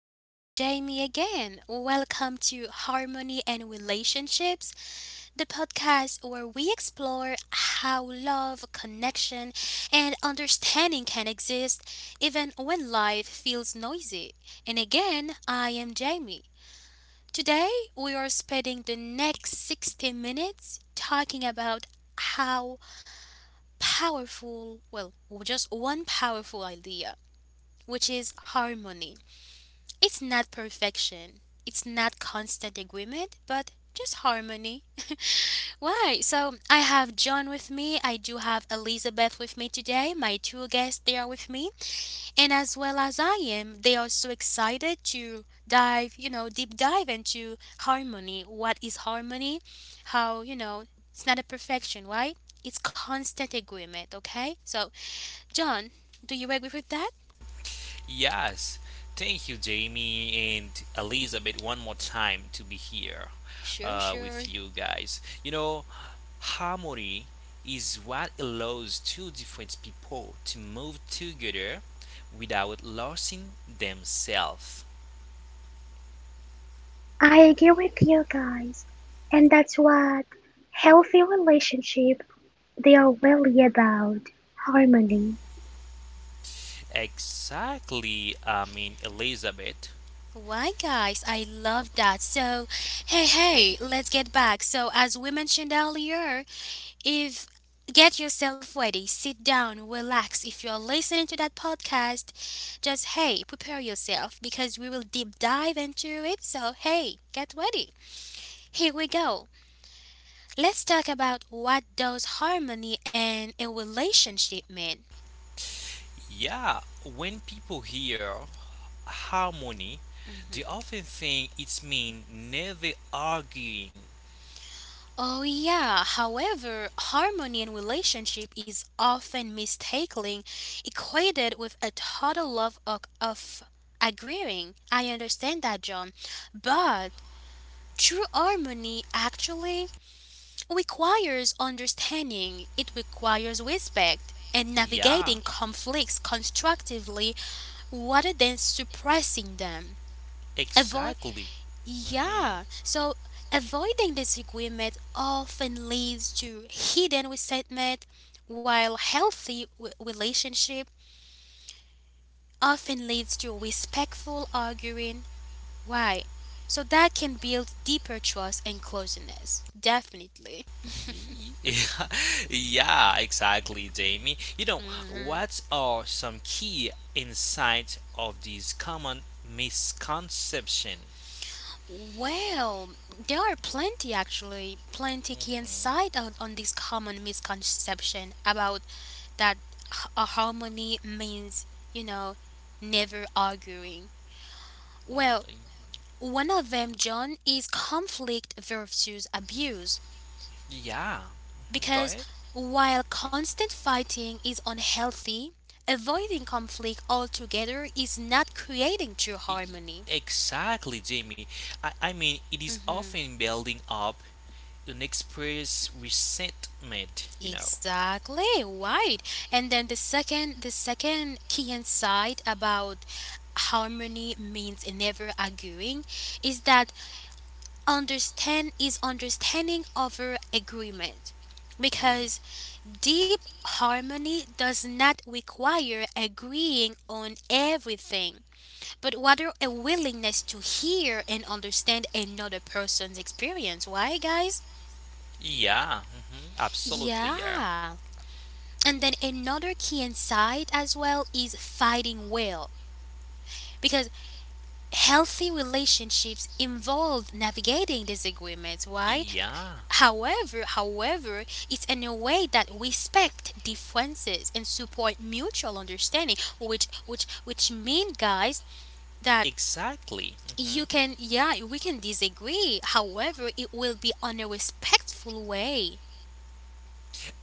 this is Jamie again. Welcome to Harmony and Relationships, the podcast where we explore how love, connection, and understanding can exist even when life feels noisy. And again, I am Jamie. Today, we are spending the next 60 minutes talking about how powerful, well, just one powerful idea, which is harmony. It's not perfection. It's not constant agreement, but just harmony. Why? So I have John with me. I do have Elizabeth with me today. My two guests they are with me, and as well as I am, they are so excited to dive, deep dive into harmony. What is harmony? How you know? It's not a perfection, right? It's constant agreement. Okay. So John, do you agree with that? Yes, thank you, Jamie and Elizabeth, one more time to be here Sure, with sure. you guys. Harmony is what allows two different people to move together without losing themselves. I agree with you guys, and that's what healthy relationship they are really about, harmony. Exactly, I mean, Elizabeth. Why, guys, I love that. So, hey, hey, let's get back. So, as we mentioned earlier, if get yourself ready, sit down, relax. If you're listening to that podcast, just hey, prepare yourself because we will deep dive into it. So, hey, get ready. Here we go. Let's talk about what does harmony and a relationship mean. Yeah, when people hear harmony, they Mm-hmm. often think it's mean never arguing. Oh, yeah. However, harmony in relationship is often mistakenly equated with a total love of agreeing. I understand that, John. But true harmony actually requires understanding, it requires respect. And Yeah, navigating conflicts constructively rather than suppressing them. Avoid exactly. hmm yeah, so Avoiding disagreement often leads to hidden resentment, while healthy relationship often leads to respectful arguing. Why? So that can build deeper trust and closeness. Definitely. Yeah, yeah, exactly, Jamie. You know, hmm what are some key insights of these common misconception? Well, there are plenty actually, plenty key insight on this common misconception about that h- a harmony means, you know, never arguing. Well, Mhm. one of them, John, is conflict versus abuse. Yeah, mhm, go Because ahead. while constant fighting is unhealthy, avoiding conflict altogether is not creating true E- e-, harmony. Exactly, Jamie. I mean, it is Mm-hmm. often building up an express resentment. Exactly, right. And then the second key insight about harmony means never arguing is that understanding over agreement Mm, because deep harmony does not require agreeing on everything but rather a willingness to hear and understand another person's experience. Why, guys? yeah, mhm, absolutely, yeah. Yeah. And then another key insight as well is fighting well, because healthy relationships involve navigating disagreements. Why? Yeah, However, it's in a way that respect differences and support mutual understanding, which mean, guys, that exactly. you Mm-hmm. can, yeah, we can disagree. However, it will be on a respectful way.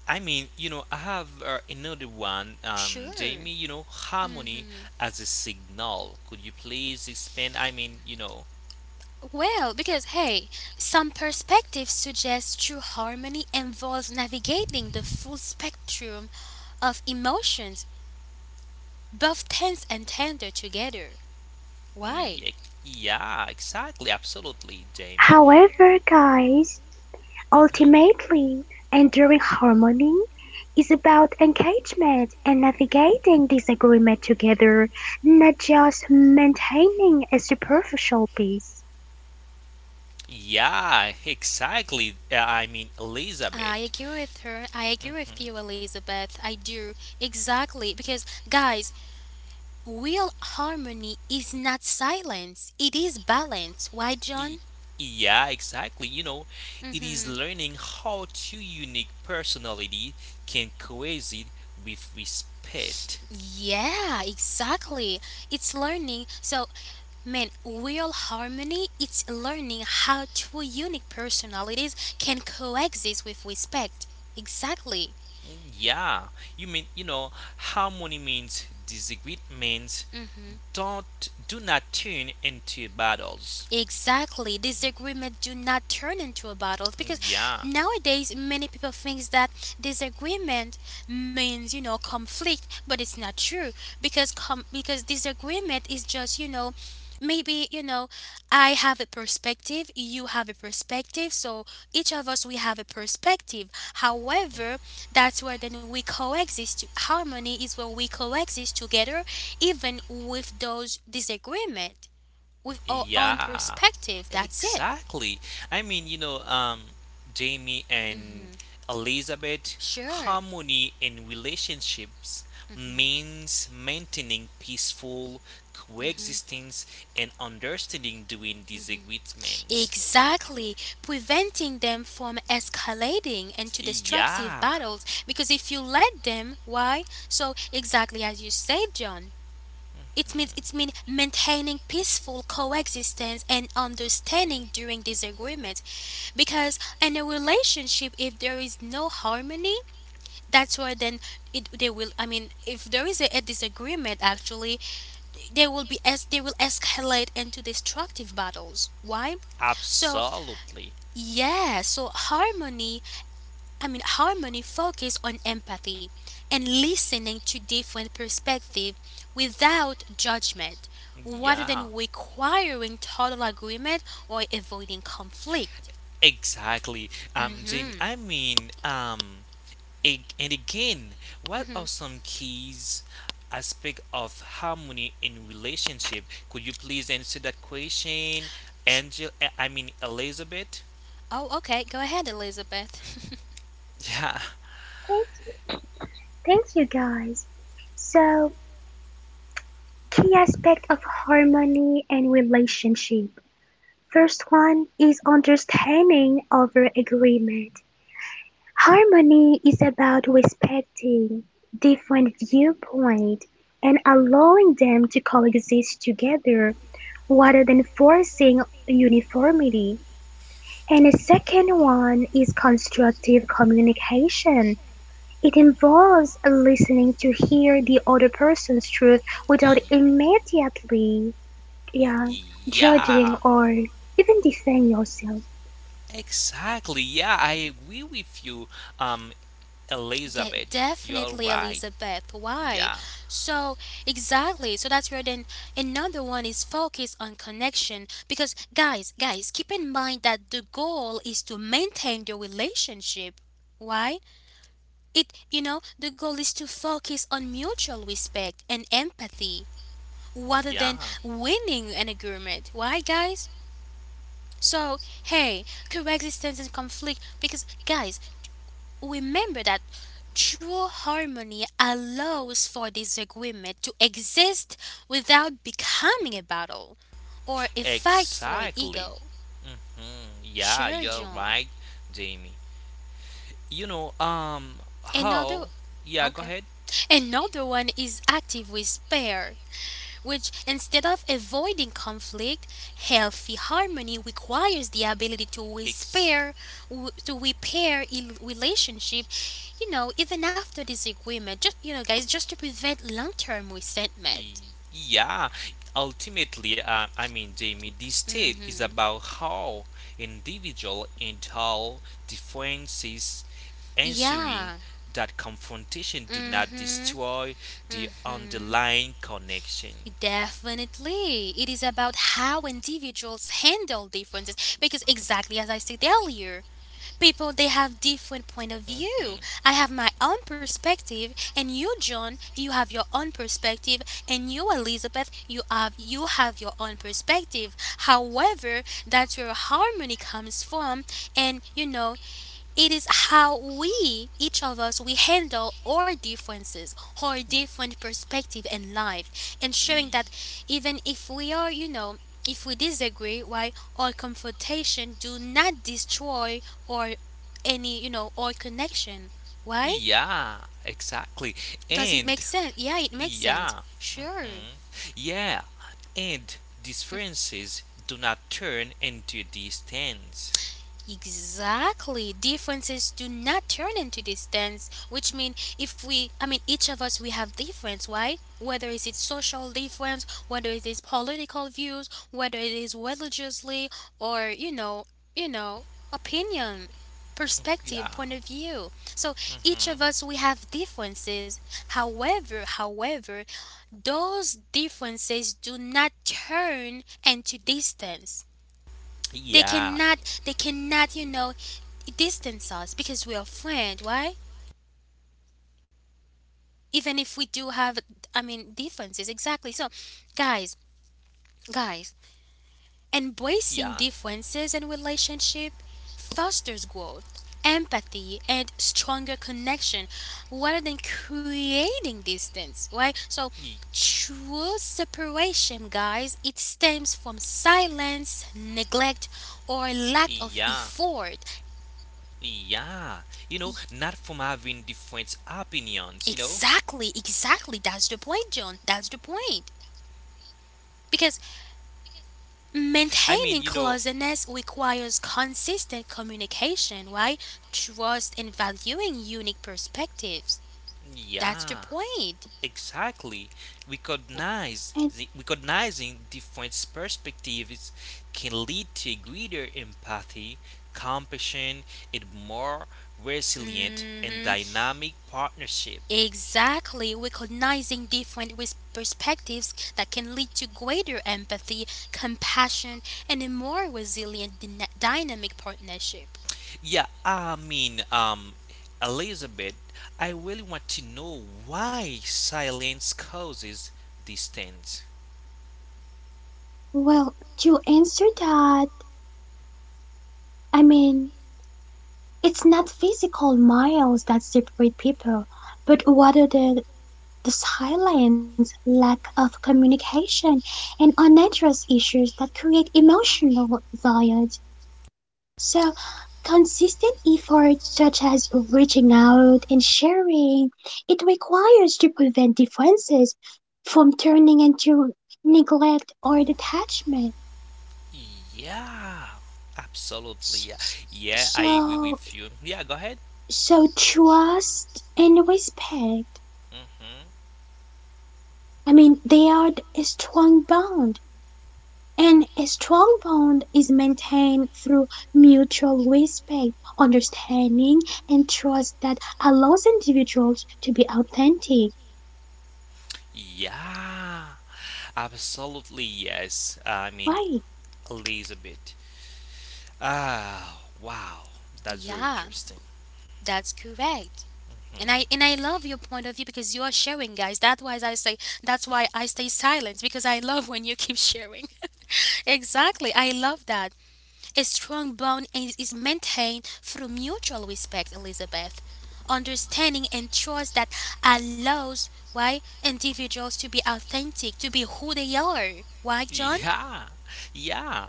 I mean, I have another one, Sure. Jamie. Harmony hmm as a signal. Could you please expand? I mean, Well, because hey, some perspectives suggest true harmony involves navigating the full spectrum of emotions, both tense and tender together. Why? yeah, yeah exactly, absolutely, Jamie. However, guys, hmm ultimately, enduring harmony is about engagement and navigating disagreement together, not just maintaining a superficial peace. Yeah, exactly. I mean, I Elizabeth. agree with her. I agree hmm with you, Elizabeth. I do. Exactly. Because, guys, real harmony is not silence, it is balance. Why, Y- John? Yeah, exactly. It is Mm-hmm. learning how two unique personality can coexist with respect. Yeah, exactly. It's learning. So, man, real harmony, it's learning how two unique personalities can coexist with respect. Exactly. Mm, yeah, you mean you know harmony means disagreements don't do not turn into battles. Exactly. Disagreement do not turn into a battle Mm, because yeah. nowadays many people thinks that disagreement means, you know, conflict, but it's not true because disagreement is just, you know, maybe, you know, I have a perspective, you have a perspective, so each of us we have a perspective. However, that's where then we coexist. Harmony is where we coexist together even with those disagreement with our own Yeah, perspective. That's it. exactly. I mean, Jamie and Elizabeth, Sure. harmony in relationships means maintaining peaceful coexistence and understanding during disagreements. Exactly, preventing them from escalating into destructive Yeah, battles because if you let them, why? So exactly as you said, John, it's mean maintaining peaceful coexistence and understanding during disagreement because in a relationship if there is no harmony, that's where then it they will, I mean, if there is a disagreement actually they will be as they will escalate into destructive battles. Why? So absolutely. yeah, so harmony, I mean, harmony focus on empathy and listening to different perspectives without judgment rather Yeah, than requiring total agreement or avoiding conflict. exactly. Jamie, Mhm. I mean, and again, what are some keys aspect of harmony in relationship? Could you please answer that question, Angel? I mean Elizabeth. Oh, okay, go ahead, Elizabeth. Yeah. Thank you. Thank you guys. So, key aspect of harmony and relationship. First one is understanding over agreement. Harmony is about respecting different viewpoints and allowing them to coexist together rather than forcing uniformity. And the second one is constructive communication. It involves listening to hear the other person's truth without immediately yeah, judging Yeah. or even defending yourself. Exactly. Yeah, I agree with you, um, Elizabeth. You're Definitely, right. Elizabeth. Why? Yeah, So, exactly. So that's where then another one is focused on connection. Because, guys, guys, keep in mind that the goal is to maintain the relationship. Why? It, you know, the goal is to focus on mutual respect and empathy rather than yeah. winning an agreement. Why, guys? So, hey, coexistence and conflict. Because, guys, remember that true harmony allows for disagreement to exist without becoming a battle or a fight for Exactly. ego. Yeah, Sure, you're John. right, Jamie. You know, um, Another, how? Yeah, go okay. ahead. Another one is active with pair, which instead of avoiding conflict, healthy harmony requires the ability to Ex- repair, to repair a relationship, you know, even after disagreement. Just you know, guys, just to prevent long-term resentment. y- yeah. Ultimately, I mean, Jamie, this state is Mm-hmm. about how individual and how differences ensue Yeah. that confrontation do not Mm-hmm. destroy the Mm-hmm. underlying connection. Definitely. It is about how individuals handle differences because exactly as I said earlier, people they Mhm. have different point of view. I have my own perspective and you John, you have your own perspective and you Elizabeth, you have your own perspective. However, that's where harmony comes from and you know, it is how we, each of us, we handle our differences, our different perspective in life, ensuring Y- that even if we are, you know, if we disagree, why our confrontation do not destroy or any, you know, our connection. Why? Yeah, exactly. Does it make And sense? Yeah, it makes sense. yeah, Sure. mhm, yeah, and differences do not turn into distance. Exactly. Differences do not turn into distance, which mean if we, I mean, each of us, we have difference. Why? Whether it is social difference, whether it is political views, whether it is religiously or you know, opinion, Yeah, perspective, point of view. So each of us, we have differences. However, those differences do not turn into distance. They yeah, cannot, they cannot, you know, distance us because we are friend. Why? Even if we do have, I mean, differences. Exactly. So, guys, guys, yeah, embracing differences in relationship fosters growth, empathy, and stronger connection, rather than creating distance. Right? So, y- true separation, guys, it stems from silence, neglect, or yeah. lack of effort. Yeah, not from having different opinions. Exactly, exactly. That's the point, John. That's the point. Because I mean, maintaining closeness requires consistent communication, right? Trust and valuing unique perspectives. That's the yeah, point. exactly. And Recognizing different perspectives can lead to greater empathy, compassion, and more resilient and hmm dynamic partnership. Exactly. Recognizing different perspectives that can lead to greater empathy, compassion, and a more resilient dynamic partnership. Yeah, I mean, Elizabeth, I really want to know why silence causes distance. well, to answer that, I mean, it's not physical miles that separate people, but rather the silence, lack of communication, and unaddressed issues that create emotional violence. So, consistent efforts such as reaching out and sharing, it requires to prevent differences from turning into neglect or detachment. Yeah, absolutely. S- Yeah, s- yeah, I agree So, with you. Yeah, go ahead. So trust and respect, hmm I mean, they are a strong bond, and a strong bond is maintained through mutual respect, understanding, and trust that allows individuals to be authentic. Yeah, absolutely. Yes, I mean, Right, Elizabeth. Ah, wow, that's very Yeah, interesting. that's correct. And I Hmm. and I love your point of view because you are sharing, guys. That's why I say that's why I stay silent because I love when you keep sharing. Exactly, I love that. A strong bond is maintained through mutual respect, Elizabeth, understanding and trust that allows why individuals to be authentic, to be who they are. Why, John? Yeah, yeah,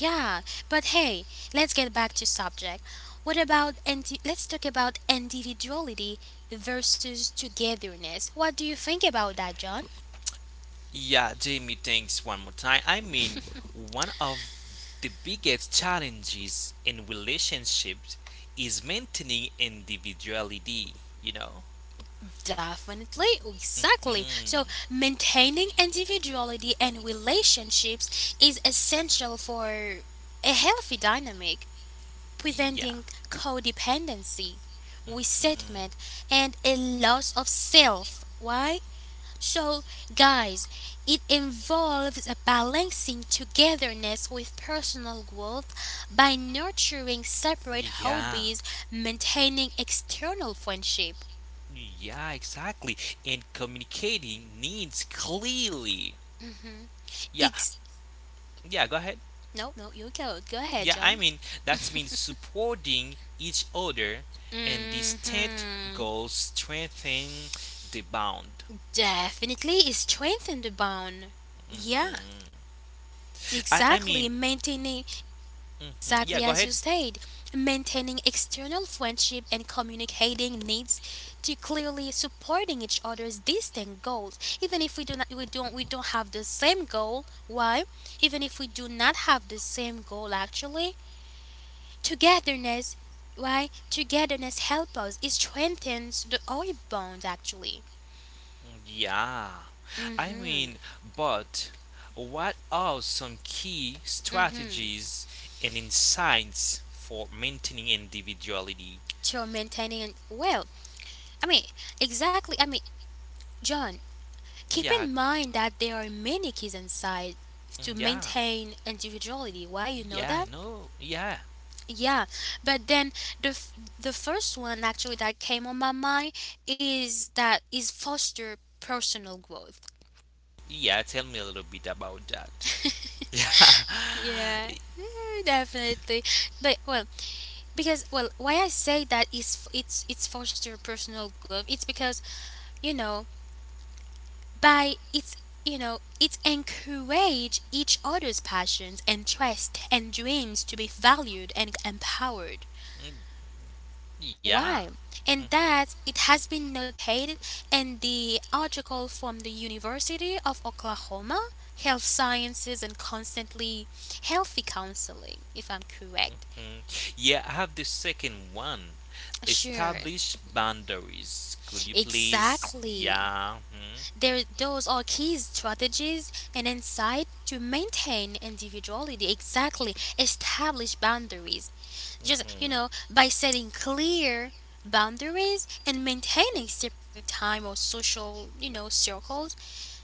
Yeah, but hey, let's get back to subject. What about let's talk about individuality versus togetherness. What do you think about that, John? yeah, Jamie, thanks one more time. I mean, one of the biggest challenges in relationships is maintaining individuality, you know? Definitely, exactly. hmm So, maintaining individuality and relationships is essential for a healthy dynamic, preventing codependency, Mhm. resentment, and a loss of self. Why? So, guys, it involves balancing togetherness with personal growth by nurturing separate Yeah. hobbies, maintaining external friendship. Yeah, exactly. And communicating needs clearly. Yeah, Ex- yeah, go ahead. no, no, you go. Go ahead, Yeah, I John. mean, that means supporting each other and distinct Mm-hmm. goals strengthen the bond. Definitely strengthen the bond. Yeah, Mhm. I exactly. mean, Maintaining mhm, yeah, exactly go as ahead. you said, maintaining external friendship and communicating needs to clearly supporting each other's distinct goals. Even if we do not we don't have the same goal, why? Even if we do not have the same goal actually, togetherness, why? Togetherness helps us. It strengthens the oil bond actually. Yeah. I Mm-hmm. mean, but what are some key Mm-hmm. strategies and insights for maintaining individuality? So maintaining well, I mean, exactly I mean, John, keep Yeah, in mind that there are many keys inside to mm, yeah, maintain individuality. Why you know yeah, I that? know. Yeah, Yeah, but then the f- the first one actually that came on my mind is that is foster personal growth. yeah. Tell me a little bit about that. Yeah. Yeah, definitely, but well, because well, why I say that is it's foster personal growth. It's because you know by it's you know it encourage each other's passions and trust and dreams to be valued and empowered. Yeah, Why? And mm-hmm, mm, that it has been noted in the article from the University of Oklahoma Health Sciences and constantly healthy counseling if I'm correct. yeah, yeah. I have the second one. Sure. Establish boundaries. Could you please? Exactly, Yeah. there, those are key strategies and insight to maintain individuality. Exactly, establish boundaries. Just you know, Mhm. by setting clear boundaries and maintaining separate time or social, you know, circles,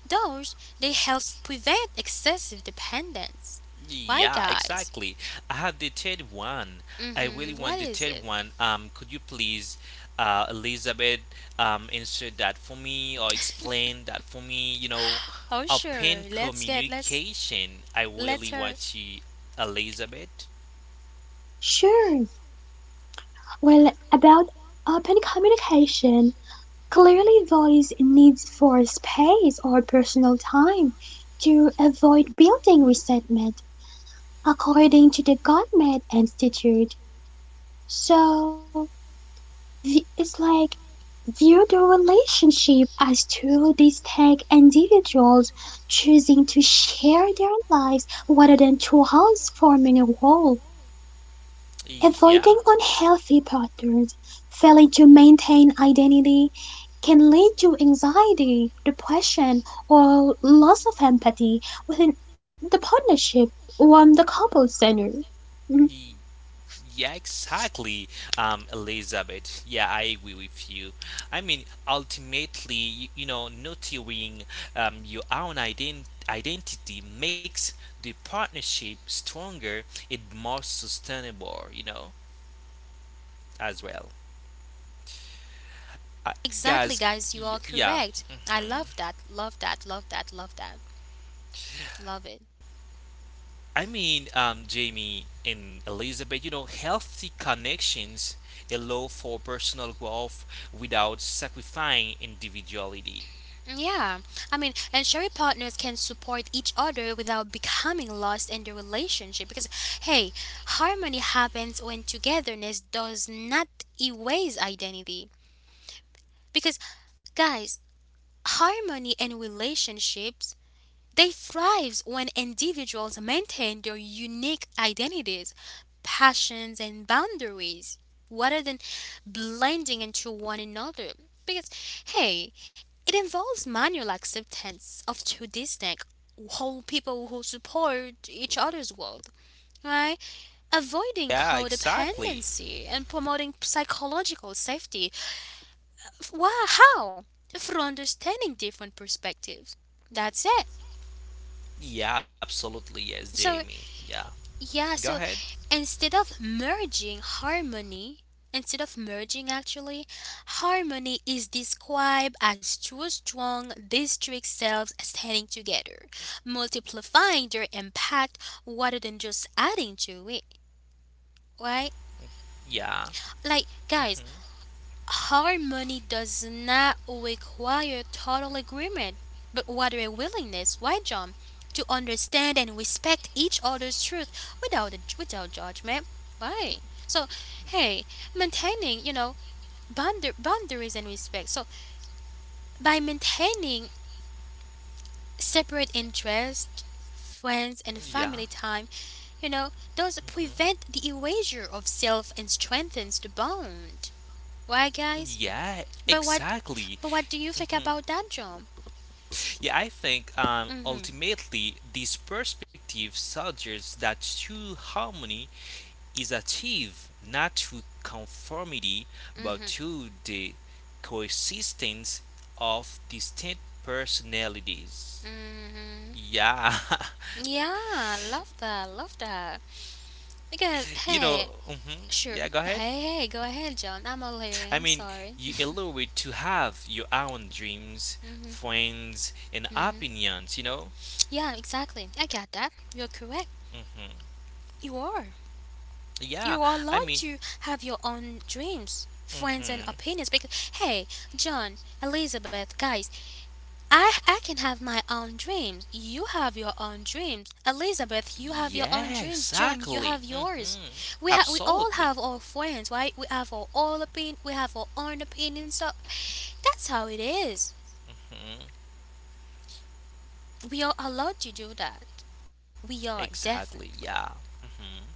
those they help prevent excessive dependence. Why, Yeah, guys? exactly. I have the third one. I really Mm-hmm. What want the is third it? one. Could you please, Elizabeth, insert that for me or explain that for me? Oh, sure. Open Let's get let's communication. I let really her. want you, Elizabeth. sure. Well, about open communication, clearly voice needs for space or personal time to avoid building resentment. According to the Gottman Institute, so the, it's like view the relationship as two distinct individuals choosing to share their lives rather than two halves forming a whole, Yeah. avoiding unhealthy patterns, failing to maintain identity can lead to anxiety, depression, or loss of empathy within the partnership or the couple center. Mm. Yeah, exactly, Elizabeth. Yeah, I agree with you. I mean, ultimately, you know, nurturing your own identity makes the partnership stronger and more sustainable, as well. Uh, Exactly, guys, guys. You are yeah. correct. I hmm love that. Love that. Love that. Love that. Love it. I mean, Jamie and Elizabeth, healthy connections allow for personal growth without sacrificing individuality. Yeah. I mean, and sharing partners can support each other without becoming lost in the relationship because, hey, harmony happens when togetherness does not erase identity. Because, guys, harmony in relationships they thrive when individuals maintain their unique identities, passions, and boundaries rather than blending into one another. Because, hey, it involves manual acceptance of two distinct whole people who support each other's world, right? Avoiding Yeah, exactly. codependency and promoting psychological safety. Why? How? Through understanding different perspectives. That's it. Yeah, absolutely. Yes, So Jamie. Yeah. yeah, Go so ahead. instead of merging harmony, instead of merging actually, harmony is described as two strong district selves standing together, multiplying their impact rather than just adding to it. Right? Yeah. Like guys, hmm harmony does not require total agreement, but rather a willingness, why, John, to understand and respect each other's truth without judgment. Why? So, hey, maintaining, boundaries and respect. So, by maintaining separate interests, friends, and Yeah. family time, you know, does hmm prevent the erasure of self and strengthens the bond. Why, guys? Yeah, But what exactly. but what do you think hmm about that, John? Yeah, I think Mhm. ultimately this perspective suggests that true harmony is achieved not through conformity but Mhm. through the coexistence of distinct personalities. Mhm. Yeah, Yeah, love that. Love that. Because you know, hey, yeah, go sure. ahead. Hey, hey, go ahead, John. I'm all I hearing. mean, I'm you sorry. allowed to have your own dreams, Mhm. friends, and Mhm. opinions, you know? Yeah, exactly. I got that. You're correct. hmm You are. You Yeah, are I allowed mean, to have your own dreams, friends and hmm opinions because hey, John, Elizabeth, guys, I can have my own dreams. You have your own dreams. Elizabeth, you have your yeah, own dreams. John, exactly. you have yours. We all Absolutely. have our friends, right? We have our all opin. We have our own opinions. So that's how it is. hmm We are allowed to do that. We are Exactly, definitely. yeah. hmm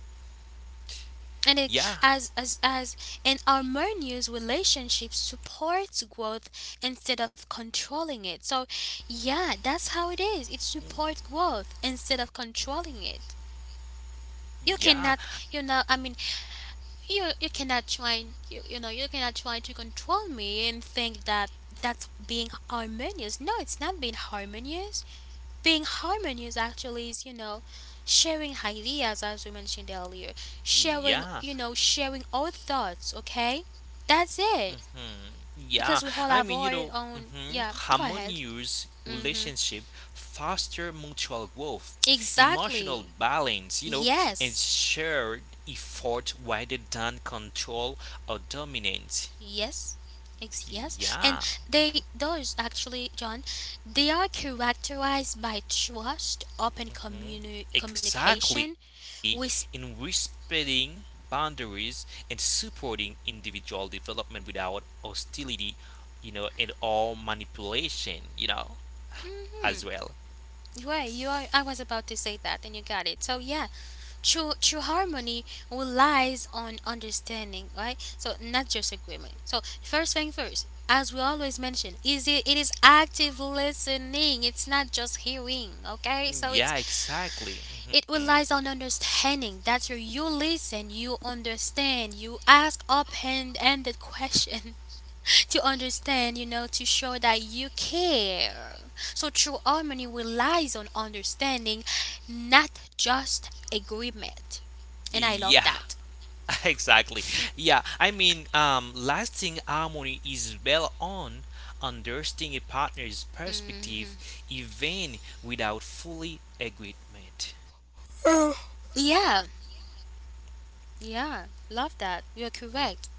And it, Yeah, as an harmonious relationship supports growth instead of controlling it. So yeah, that's how it is. It supports growth instead of controlling it. You yeah, cannot, you know, I mean, you cannot try, you know, you cannot try to control me and think that that's being harmonious. No, it's not being harmonious. Being harmonious actually is, you know, sharing ideas as we mentioned earlier, sharing, yeah. you know, sharing our thoughts, okay? That's it. Mm, yeah, Because we all I have meanour own, mhm, yeah, go ahead. harmonious Mm-hmm. relationship foster mutual growth, emotional Exactly. balance, and Yes. shared effort rather than control or dominance. Yes. Yes. And Yeah, they those actually, John, they are characterized by trust, open mhm, communication, exactly. In with respecting boundaries and supporting individual development without hostility, and all manipulation, hmm. as well. Right, you are, I was about to say that and you got it. So yeah, true harmony relies on understanding, right? So not just agreement. So first thing first, as we always mention, is it is active listening. It's not just hearing, okay? So it's, Yeah, exactly. it hmm relies on understanding. That's where you listen, you understand, you ask open-ended question to understand, you know, to show that you care. So true harmony relies on understanding, not just agreement. And I love Yeah, that. exactly. Yeah, I mean, lasting harmony is built on understanding a partner's perspective, even without fully agreement. Yeah, yeah, love that. You're correct.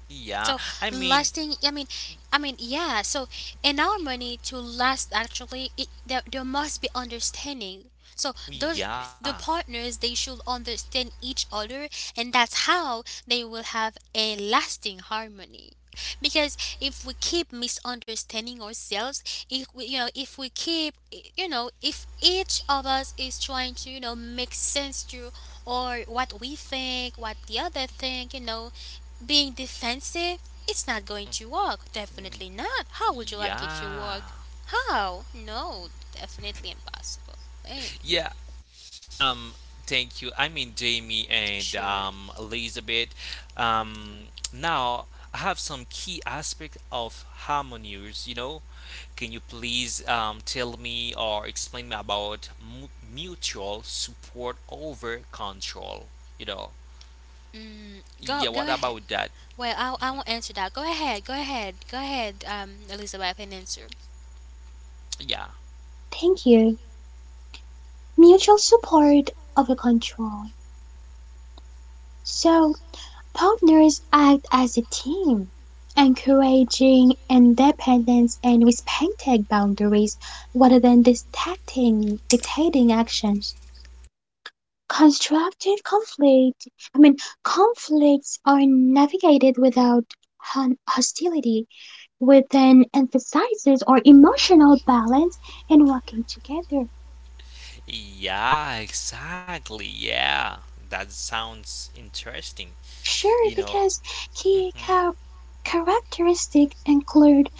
Yeah, So I mean, lasting, I mean, yeah. So in our money to last, actually, it there must be understanding. So those yeah, the partners they should understand each other, and that's how they will have a lasting harmony. Because if we keep misunderstanding ourselves, if we, you know, if we keep, you know, if each of us is trying to, you know, make sense to or what we think, what the other think, you know, being defensive, it's not going to work. Definitely not. How would you like it to yeah, work? How? No, definitely impossible. Eh, yeah. Um, thank you. I mean, Jamie and sure. Elizabeth. Um, now I have some key aspect of harmonious, you know. Can you please tell me or explain me about mutual support over control? You know, Mm, go yeah, go what ahead. about that? Well, I won't answer that. Go ahead. Go ahead. Go ahead. Elizabeth, and answer. Yeah, Thank you. Mutual support over control. So partners act as a team, encouraging independence and respecting boundaries rather than dictating actions. Constructive conflict, I mean, conflicts are navigated without hostility, with an emphasis on emotional balance and working together. yeah, exactly. Yeah, that sounds interesting. You Sure, know, because key hmm characteristics include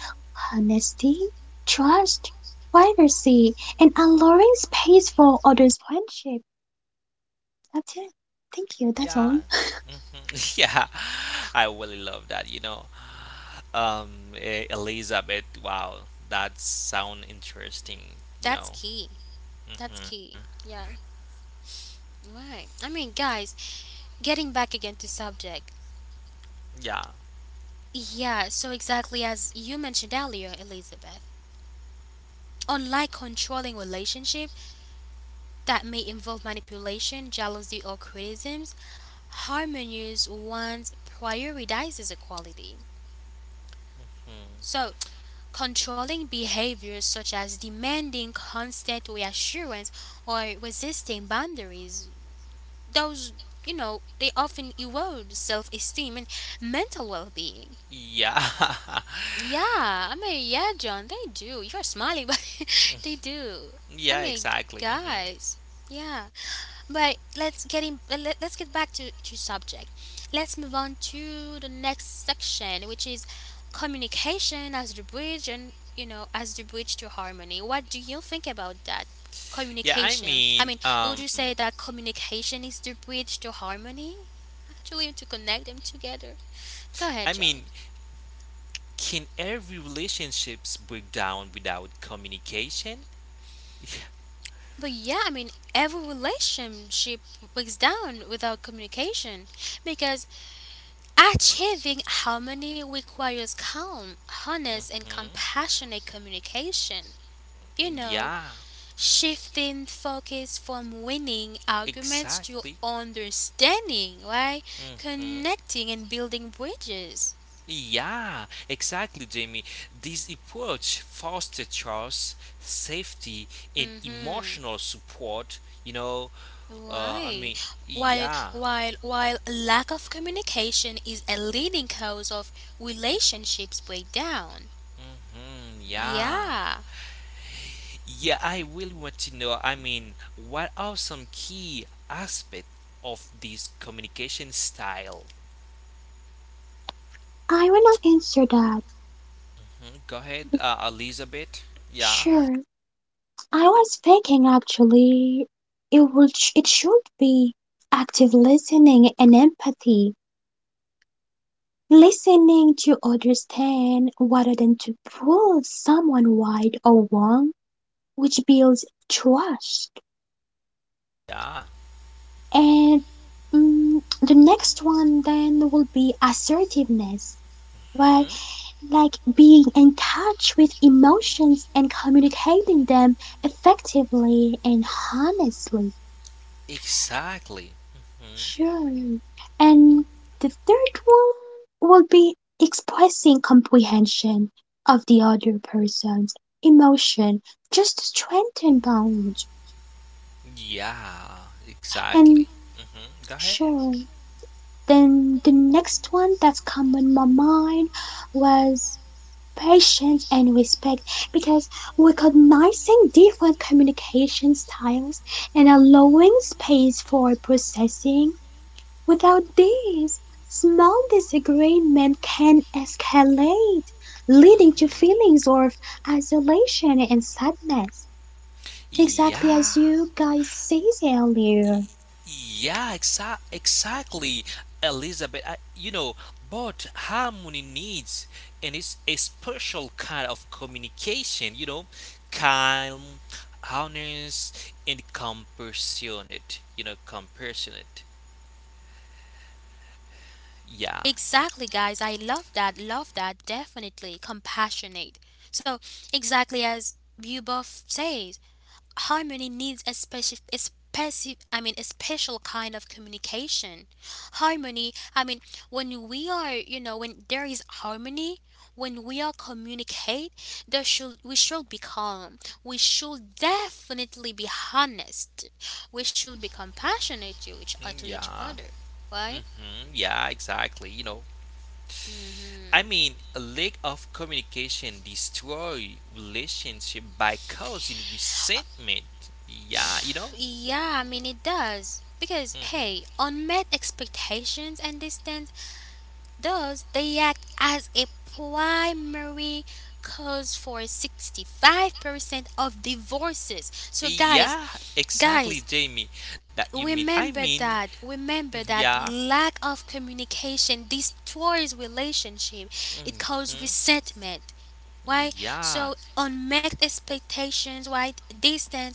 honesty, trust, privacy, and allowing space for others' friendship. That's it. Thank you, that's yeah, all. mhm, yeah, I really love that. Elizabeth. Wow, that sound interesting. That's key. That's hmm key. Yeah. Right. I mean, guys, getting back again to subject. yeah. Yeah. So exactly as you mentioned earlier, Elizabeth. Unlike controlling relationship, that may involve manipulation, jealousy, or criticisms, harmonious ones prioritizes equality. Mm. So, controlling behaviors such as demanding constant reassurance or resisting boundaries, those, you know, they often erode self esteem and mental well being. Yeah, Yeah, I mean, yeah, John, they do. You're smiling, but they do. I yeah, mean, exactly. Guys, yeah. But let's get in, let's get back to subject. Let's move on to the next section, which is communication as the bridge and you know as the bridge to harmony. What do you think about that? Yeah, Communication. I mean, would you say that communication is the bridge to harmony? Actually, to connect them together. Go I ahead, mean, John. can every relationships break down without communication? But yeah, I mean, every relationship breaks down without communication because achieving harmony requires calm, honest, and hmm compassionate communication. You know, Yeah, shifting focus from winning arguments to exactly. understanding, right? hmm Connecting and building bridges. Yeah, exactly, Jamie. This approach fosters trust, safety, and Mm-hmm. emotional support. You know, I Why? mean, While yeah. while while lack of communication is a leading cause of relationships breakdown. Yeah. Yeah. Yeah, I really want to know. I mean, what are some key aspects of this communication style? I will not answer that. Hmm, go ahead, Elizabeth. Yeah, Sure, I was thinking actually it would it should be active listening and empathy. Listening to understand rather than to prove someone right or wrong, which builds trust. yeah. And the next one then will be assertiveness, right? hmm. Like being in touch with emotions and communicating them effectively and honestly. Exactly. hmm Sure. And the third one will be expressing comprehension of the other person's emotion just to strengthen bonds. Yeah, exactly. And Go ahead. sure. Then the next one that's come on my mind was patience and respect because recognizing different communication styles and allowing space for processing. Without this, small disagreement can escalate, leading to hmm feelings of isolation and sadness, exactly Yeah. as you guys said Y- earlier. Yeah, exactly, Elizabeth. I, but harmony needs, and it's a special kind of communication, calm, honest, and compassionate, compassionate. Yeah, Exactly, guys. I love that. Love that. Definitely compassionate. So, exactly as you both says, harmony needs a specific, I mean, a special kind of communication. Harmony. I mean, when we are, you know, when there is harmony, when we are communicate, there should we should be calm. We should definitely be honest. We should be compassionate to mm, each yeah, other. Right? Yeah, exactly. Mm-hmm. I mean, a lack of communication destroy relationship by causing resentment. Yeah. Yeah, I mean it does. Because hey, hmm unmet expectations and distance does they act as a primary cause for 65% of divorces. So guys, Yeah, exactly, guys, Jamie. That you mean. I remember mean, that. mm, Remember that yeah, lack of communication destroys relationship. It hmm causes resentment. Why? yeah, So unmet expectations, right? Distance,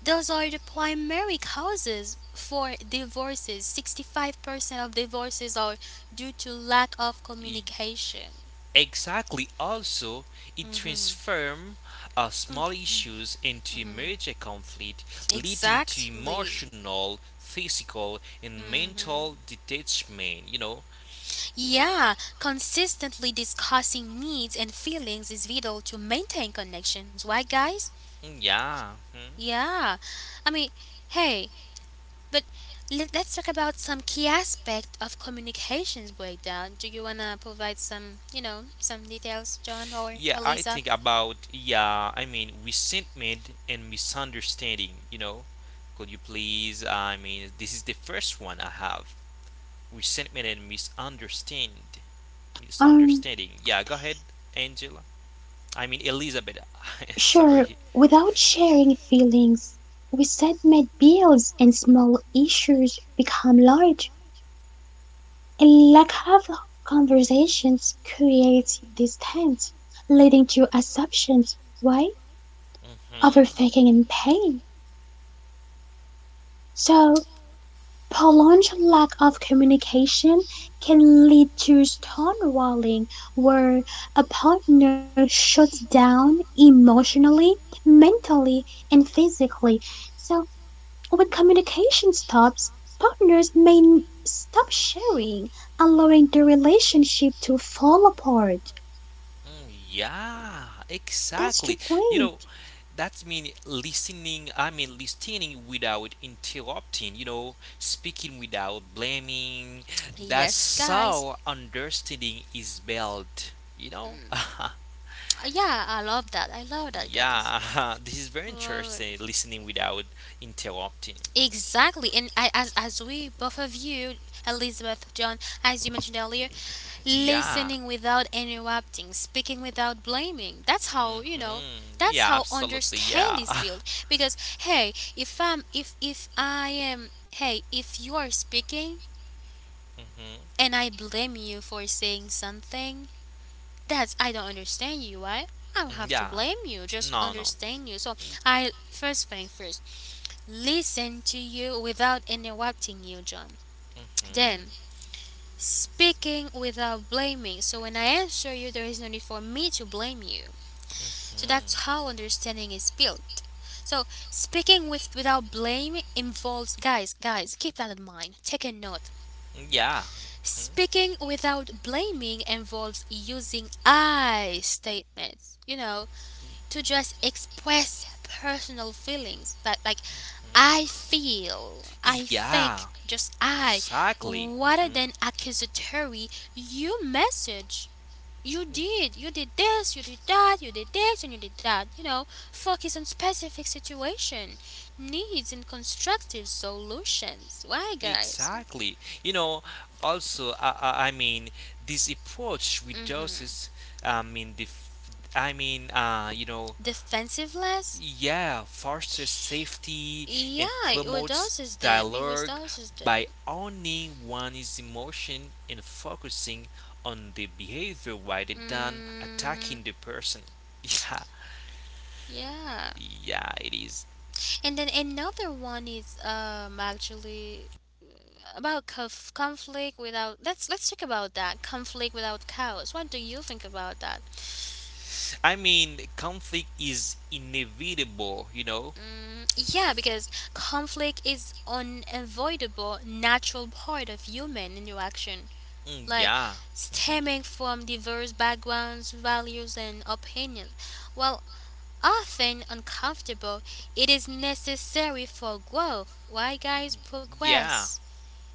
those are the primary causes for divorces. 65% of divorces are due to lack of e- communication. exactly. Also, it transforms small issues into major conflict, leading to Exactly. emotional, physical, and Hmm. mental detachment. Yeah, consistently discussing needs and feelings is vital to maintain connections. Why, guys? Mm, yeah. Mhm. Yeah. I mean, hey, but let's talk about some key aspect of communications breakdown. Do you wanna provide some, you know, some details, John or Yeah, I Eliza? think about yeah. I mean, resentment and misunderstanding. Could you please? I mean, this is the first one I have. Resentment and Um, misunderstanding. Yeah, go ahead, Angela. I mean, Elizabeth. Sure, Sorry. without sharing feelings, we submit bills and small issues become large, and lack of conversations creates distance, leading to assumptions, right? Mm-hmm. Overthinking and pain. So, prolonged lack of communication can lead to stonewalling, where a partner shuts down emotionally, mentally, and physically. So, when communication stops, partners may stop sharing, allowing the relationship to fall apart. Mm, yeah, That's the exactly. You know, point. That's mean listening. I mean listening without interrupting. Speaking without blaming. That's Yes, guys. how understanding is built. You know. Yeah, I love that. I love that, guys. Yeah, this is very Love it. interesting. Listening without interrupting. Exactly, and I, as we both of you, Elizabeth, John, as you mentioned earlier, Yeah. listening without interrupting, speaking without blaming. That's how you know. That's Yeah. how Absolutely. understand Yeah. is built. Because hey, if I am hey, if you are speaking hmm and I blame you for saying something, that's I don't understand you. Right? I don't have to Yeah. blame you. Just No. No. understand you. So I first thing first listen to you without interrupting you, John. Then, hmm speaking without blaming. So, when I answer you, there is no need for me to blame you. So, that's how understanding is built. So, speaking with without blame involves, guys, guys, keep that in mind. Take a note. Yeah. hmm Speaking without blaming involves using I statements. You know, to just express personal feelings that like I feel, I Yeah. think, just I, Exactly. rather Mm-hmm. than accusatory, you message. You did this, you did that, you did this, and you did that. You know, focus on specific situation, needs, and constructive solutions. Why, guys? Exactly. You know, also, I mean, this approach Mm-hmm. reduces, I mean, I mean, Defensiveness? yeah, fosters safety and Yeah, it promotes reduces them. It dialogue reduces by them. owning one's emotion and focusing on the behavior rather than Mm, attacking the person. Yeah, yeah. yeah, it is. And then another one is actually about conflict without. Let's talk about that conflict without chaos. What do you think about that? I mean, conflict is inevitable, you know? Mm, yeah, because conflict is unavoidable, natural part of human interaction, Mm, like yeah. stemming Mhm. from diverse backgrounds, values, and opinions. While often uncomfortable, it is necessary for growth. Why, guys, Yeah. progress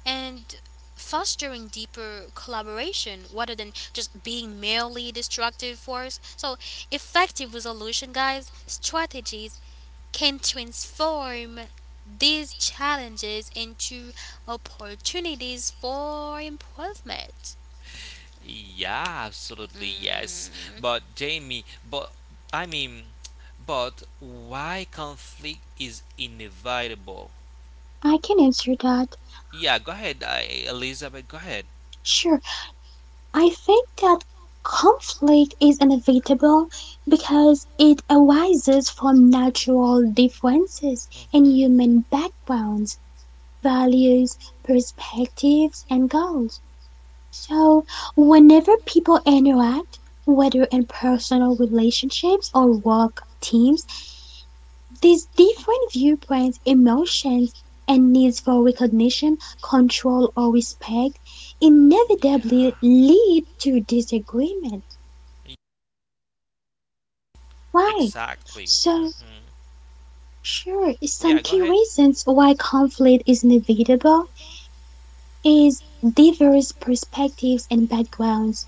and fostering deeper collaboration rather than just being merely destructive force. So, effective resolution, guys, strategies can transform these challenges into opportunities for improvement. Yeah, absolutely yes. But Jamie, but I mean, but why conflict is inevitable? I can answer that. Yeah, go ahead, Elizabeth. Go ahead. Sure. I think that conflict is inevitable because it arises from natural differences in hmm human backgrounds, values, perspectives, and goals. So, whenever people interact, whether in personal relationships or work teams, these different viewpoints, emotions, and needs for recognition, control, or respect inevitably Yeah, lead to disagreement, right? exactly. So, sure, Yeah, some go key ahead. reasons why conflict is inevitable is diverse perspectives and backgrounds.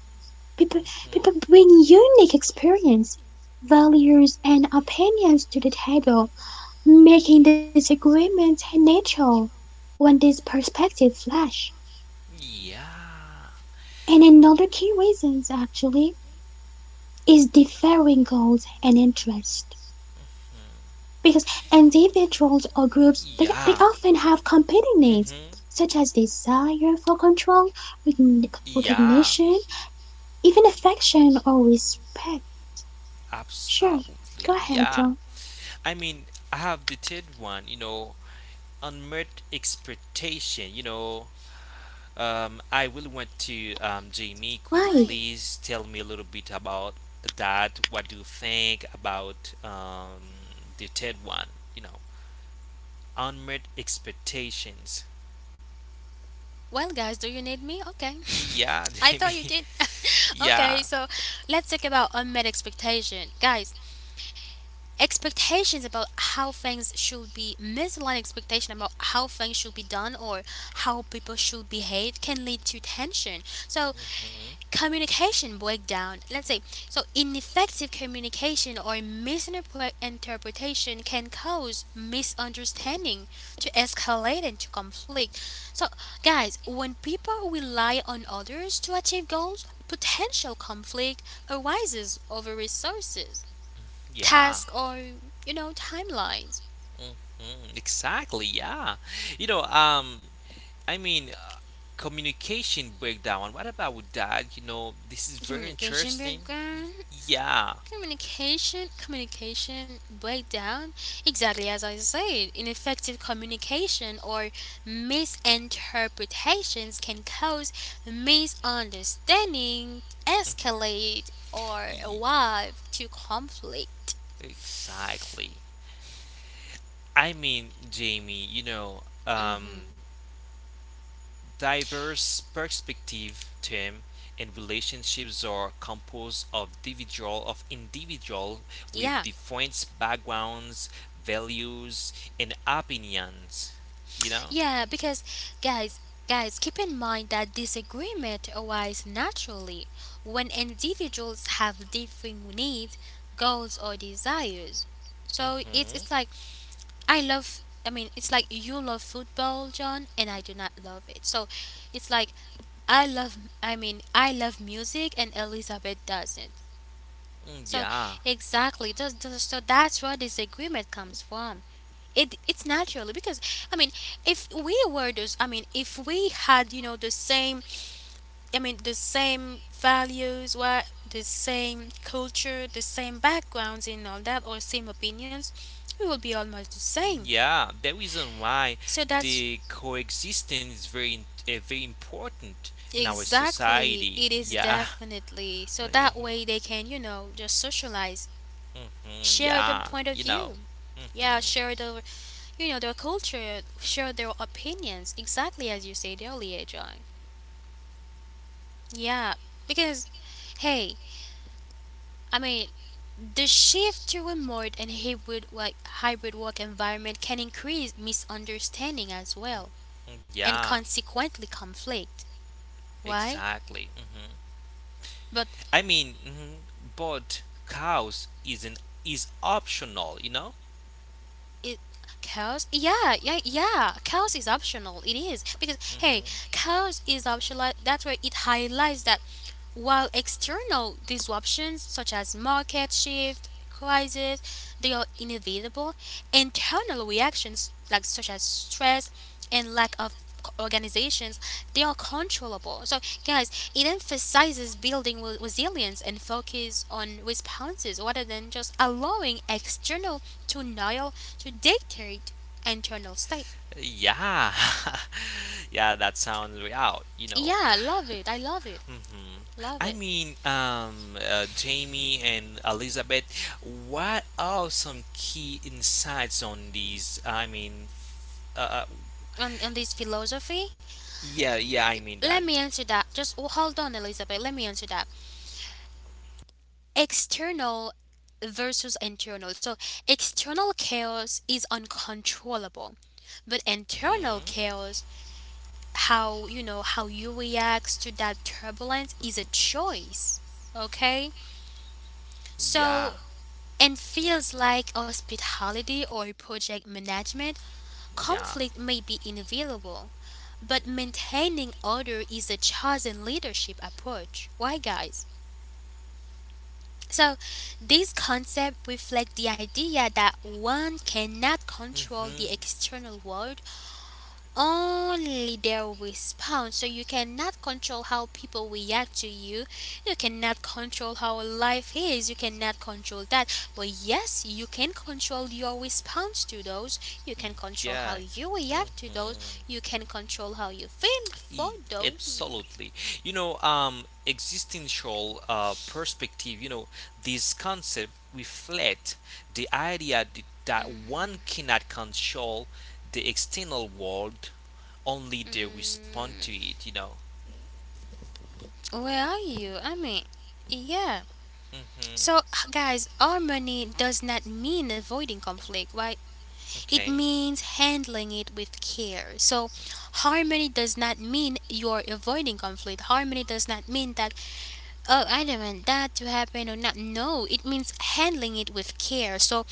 People people bring unique experience, values, and opinions to the table, making disagreements natural when these perspectives clash. Yeah. And another key reasons actually is differing goals and interests. Because individuals or groups they Yeah. often have competing needs, Mm-hmm. such as desire for control, Yeah. recognition, even affection or respect. Sure, go Absolutely. ahead, Yeah. John. I mean, I have the third one, unmet expectation. I really want to, Jamie, could you Why? Why? please tell me a little bit about that? What do you think about the third one, you know, unmet expectations? Well, guys, do you need me? Okay. Yeah, I Jamie. thought you did. Yeah. Okay, so let's talk about unmet expectation. Guys, expectations about how things should be misaligned expectation about how things should be done or how people should behave can lead to tension. So Mhm, communication breakdown, let's say. So ineffective communication or misinterpretation can cause misunderstanding to escalate into conflict. So guys, when people rely on others to achieve goals, potential conflict arises over resources, yeah. tasks, or you know, timelines. Mhm, exactly, yeah. You know, um, I mean, communication breakdown. What about that? This is very Communication interesting. breakdown, Yeah, communication breakdown, exactly as I said, ineffective communication or misinterpretations can cause misunderstanding escalate or Y- arrive to conflict. exactly. I mean, Jamie, diverse perspective, Tim, and relationships are composed of individual with Yeah. different backgrounds, values, and opinions. You know. Yeah, because guys, guys, keep in mind that disagreement arises naturally when individuals have differing needs, goals or desires. So it's Mm-hmm. like I love, I mean, it's like you love football, John, and I do not love it. So it's like I love, I mean, I love music and Elizabeth doesn't. So Yeah, exactly, so that's where this agreement comes from. It it's naturally because I mean, if we were those, I mean, if we had you know the same, I mean, the same values, what the same culture, the same backgrounds and all that, or same opinions, we would be almost the same. yeah. The reason why So that's the coexistence is very very important in our exactly society. it is, Yeah. definitely. So that way they can you know just socialize, Mm-hmm. share the Yeah. point of You know. view. Yeah, Mm-hmm. share the you know, their culture, share their opinions, exactly as you said earlier, John. Yeah, because, hey, I mean, the shift to remote and hybrid like hybrid work environment can increase misunderstanding as well, and Yeah. consequently conflict. Why? Exactly. Mm-hmm. But I mean, mhm, but cows isn't is optional. You know. it chaos. Yeah, yeah, yeah. Chaos is optional. It is because Mm-hmm. hey, chaos is optional. That's where it highlights that while external disruptions such as market shift, crisis, they are inevitable, internal reactions like such as stress and lack of organizations, they are controllable. So, guys, it emphasizes building resilience and focus on responses rather than just allowing external denial to dictate internal state. Yeah. Yeah. That sounds real. You know. Yeah, I love it. I love it. hmm Love I it. mean, Jamie and Elizabeth, what are some key insights on these? I mean, uh, uh, On this philosophy, yeah, yeah, I mean that. let me answer that. Just oh, hold on, Elizabeth. Let me answer that. External versus internal. So, external chaos is uncontrollable, but internal hmm chaos, how you know how you react to that turbulence, is a choice. Okay, Yeah, so and feels like hospitality or project management, yeah, conflict may be inevitable, but maintaining order is a chosen leadership approach. Why, guys? So, this concept reflects the idea that one cannot control the hmm external world, only their response. So, you cannot control how people react to you, you cannot control how life is, you cannot control that. But, yes, you can control your response to those, you can control yeah. how you react to those, hmm you can control how you feel E- for those. Absolutely. Existential perspective, this concept reflect the idea that one cannot control the external world, only they respond to Mm, it. where are you? I mean, yeah. Mm-hmm. So, guys, harmony does not mean avoiding conflict, right? It Okay. means handling it with care. So, harmony does not mean you're avoiding conflict. Harmony does not mean that, oh, I don't want that to happen or not. No, it means handling it with care. So,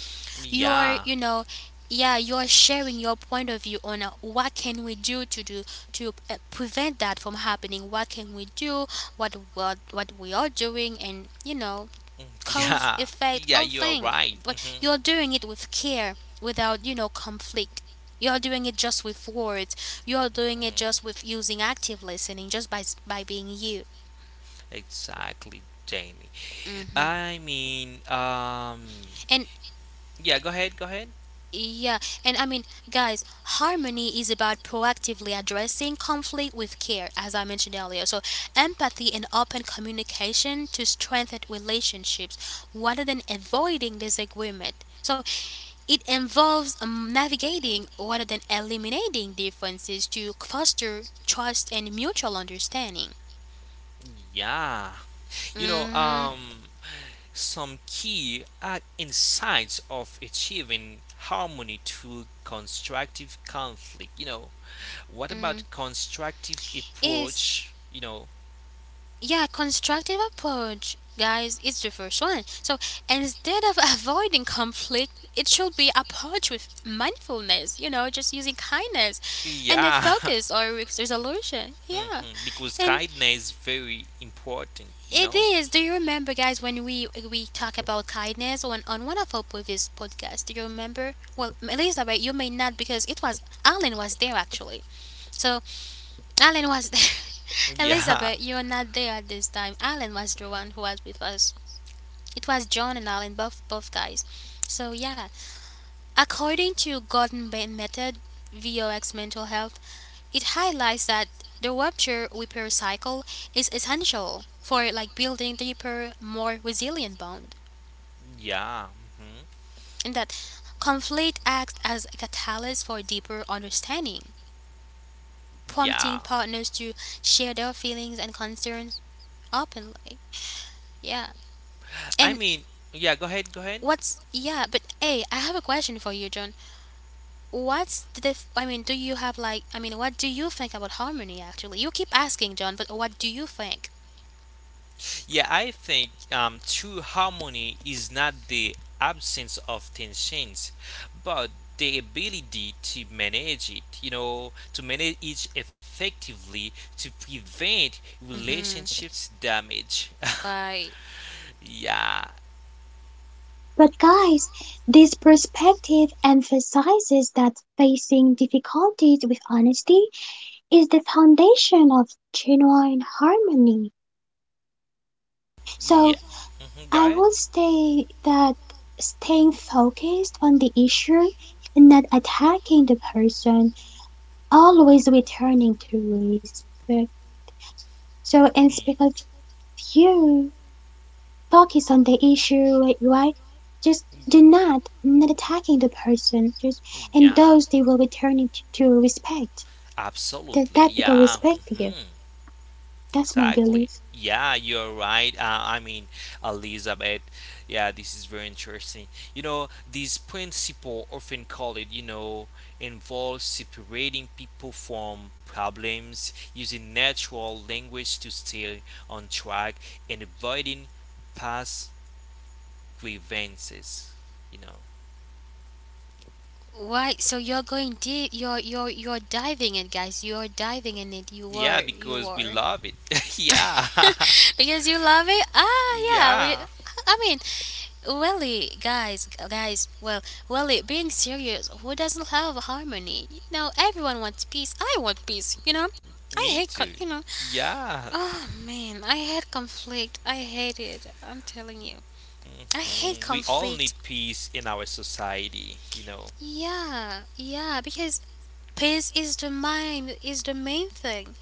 you are, Yeah. Yeah, you are sharing your point of view on what can we do to prevent that from happening. What can we do? What we are doing, and Mm, cause yeah. effect Yeah, all you are thing right. but Mm-hmm. you're doing it with care without conflict. You're doing it just with words. You're doing it just with using active listening, just by by being you. Exactly, Jamie. hmm I mean, and yeah, go ahead, go ahead. yeah, and I mean, guys, harmony is about proactively addressing conflict with care, as I mentioned earlier. So, empathy and open communication to strengthen relationships rather than avoiding disagreement. So, it involves navigating rather than eliminating differences to foster trust and mutual understanding. Yeah. You know, hmm um, some key insights of achieving harmony through constructive conflict, you know, what hmm about constructive Is approach, yeah, constructive approach, guys. It's the first one. So instead of avoiding conflict, it should be approached with mindfulness. You know, just using kindness and a yeah. focus or resolution. Yeah, Mhm, because and kindness is very important, it is. Do you remember, guys, when we talk about kindness on one of our previous podcasts? Do you remember? Well, Elizabeth, you may not because it was Alan was there actually. So Alan was there. yeah, Elizabeth, you're not there at this time. Alan was the one who was with us. It was John and Alan, both guys. So yeah, according to Gordon Bain method, VOX mental health, it highlights that the rupture repair cycle is essential for like building deeper, more resilient bond, yeah, mhm, and that conflict acts as a catalyst for deeper understanding, prompting yeah, partners to share their feelings and concerns openly. Yeah. I And mean, yeah, go ahead, go ahead. but hey, I have a question for you, John. I mean, do you have like? I mean, what do you think about harmony? Actually, you keep asking, John, but what do you think? Yeah, I think true harmony is not the absence of tensions, but the ability to manage it, to manage it effectively to prevent hmm relationships damage. Why? Yeah, But guys, this perspective emphasizes that facing difficulties with honesty is the foundation of genuine harmony. So yeah. Mhm, go I ahead. would say that staying focused on the issue and not attacking the person, always returning to respect. So, in speak of you. Y- Focus on the issue, right? Just do not not attacking the person. Just and those they will return it Yeah, to respect. That that people respect absolutely. you. Yeah. Mhm. That's my belief. Exactly. Yeah, you're right. I mean, Elizabeth. Yeah, this is very interesting. This principle, often called it, involves separating people from problems, using natural language to stay on track, and avoiding past grievances. You know. Why? So you're going deep. You're diving in, guys. You're diving in it. You Yeah, are. You because we are. love it. Yeah. Because you love it. Ah, yeah. We, Yeah. I mean, really, guys. Well, really, being serious. Who doesn't love harmony? You know, everyone wants peace. I want peace. You know, I Me hate. too. You know, Yeah. oh man, I hate conflict. I hate it. I'm telling you. I hate Mhm. We all need conflict. peace in our society. Yeah, yeah, because peace is the main thing.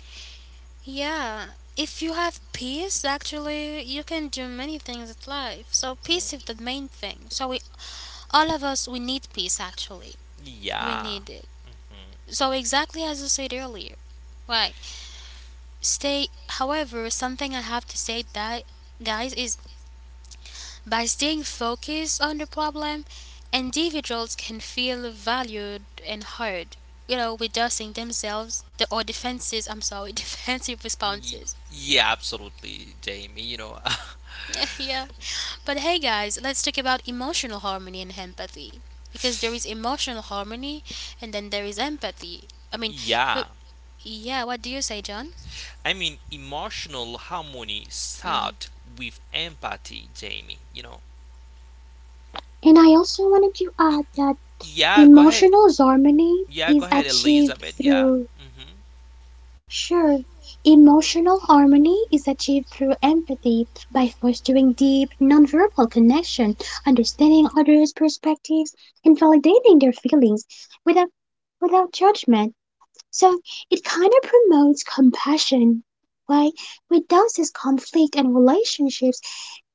Yeah. If you have peace, actually, you can do many things in life. So Mhm. peace is the main thing. So we all of us we need peace actually. We Yeah. need it. Mhm. So exactly as you said earlier. Right. Something I have to say that guys is by staying focused on the problem, individuals can feel valued and heard, you know, reducing themselves the, or defenses. I'm sorry, defensive Y- responses. yeah, absolutely, Jamie. Yeah. But hey guys, let's talk about emotional harmony and empathy because there is emotional harmony and then there is empathy. I mean, people, yeah. yeah, what do you say, John? I mean, emotional harmony start Mm-hmm. with empathy, Jamie. And I also wanted to Y- add y- that yeah, go ahead. emotional harmony Yeah, go is ahead, achieved Elizabeth. Yeah. through Mm-hmm. sure. Emotional harmony is achieved through empathy by fostering deep nonverbal connection, understanding others' perspectives, and validating their feelings without without judgment. So it kind of promotes compassion, right? Reduces conflict in relationships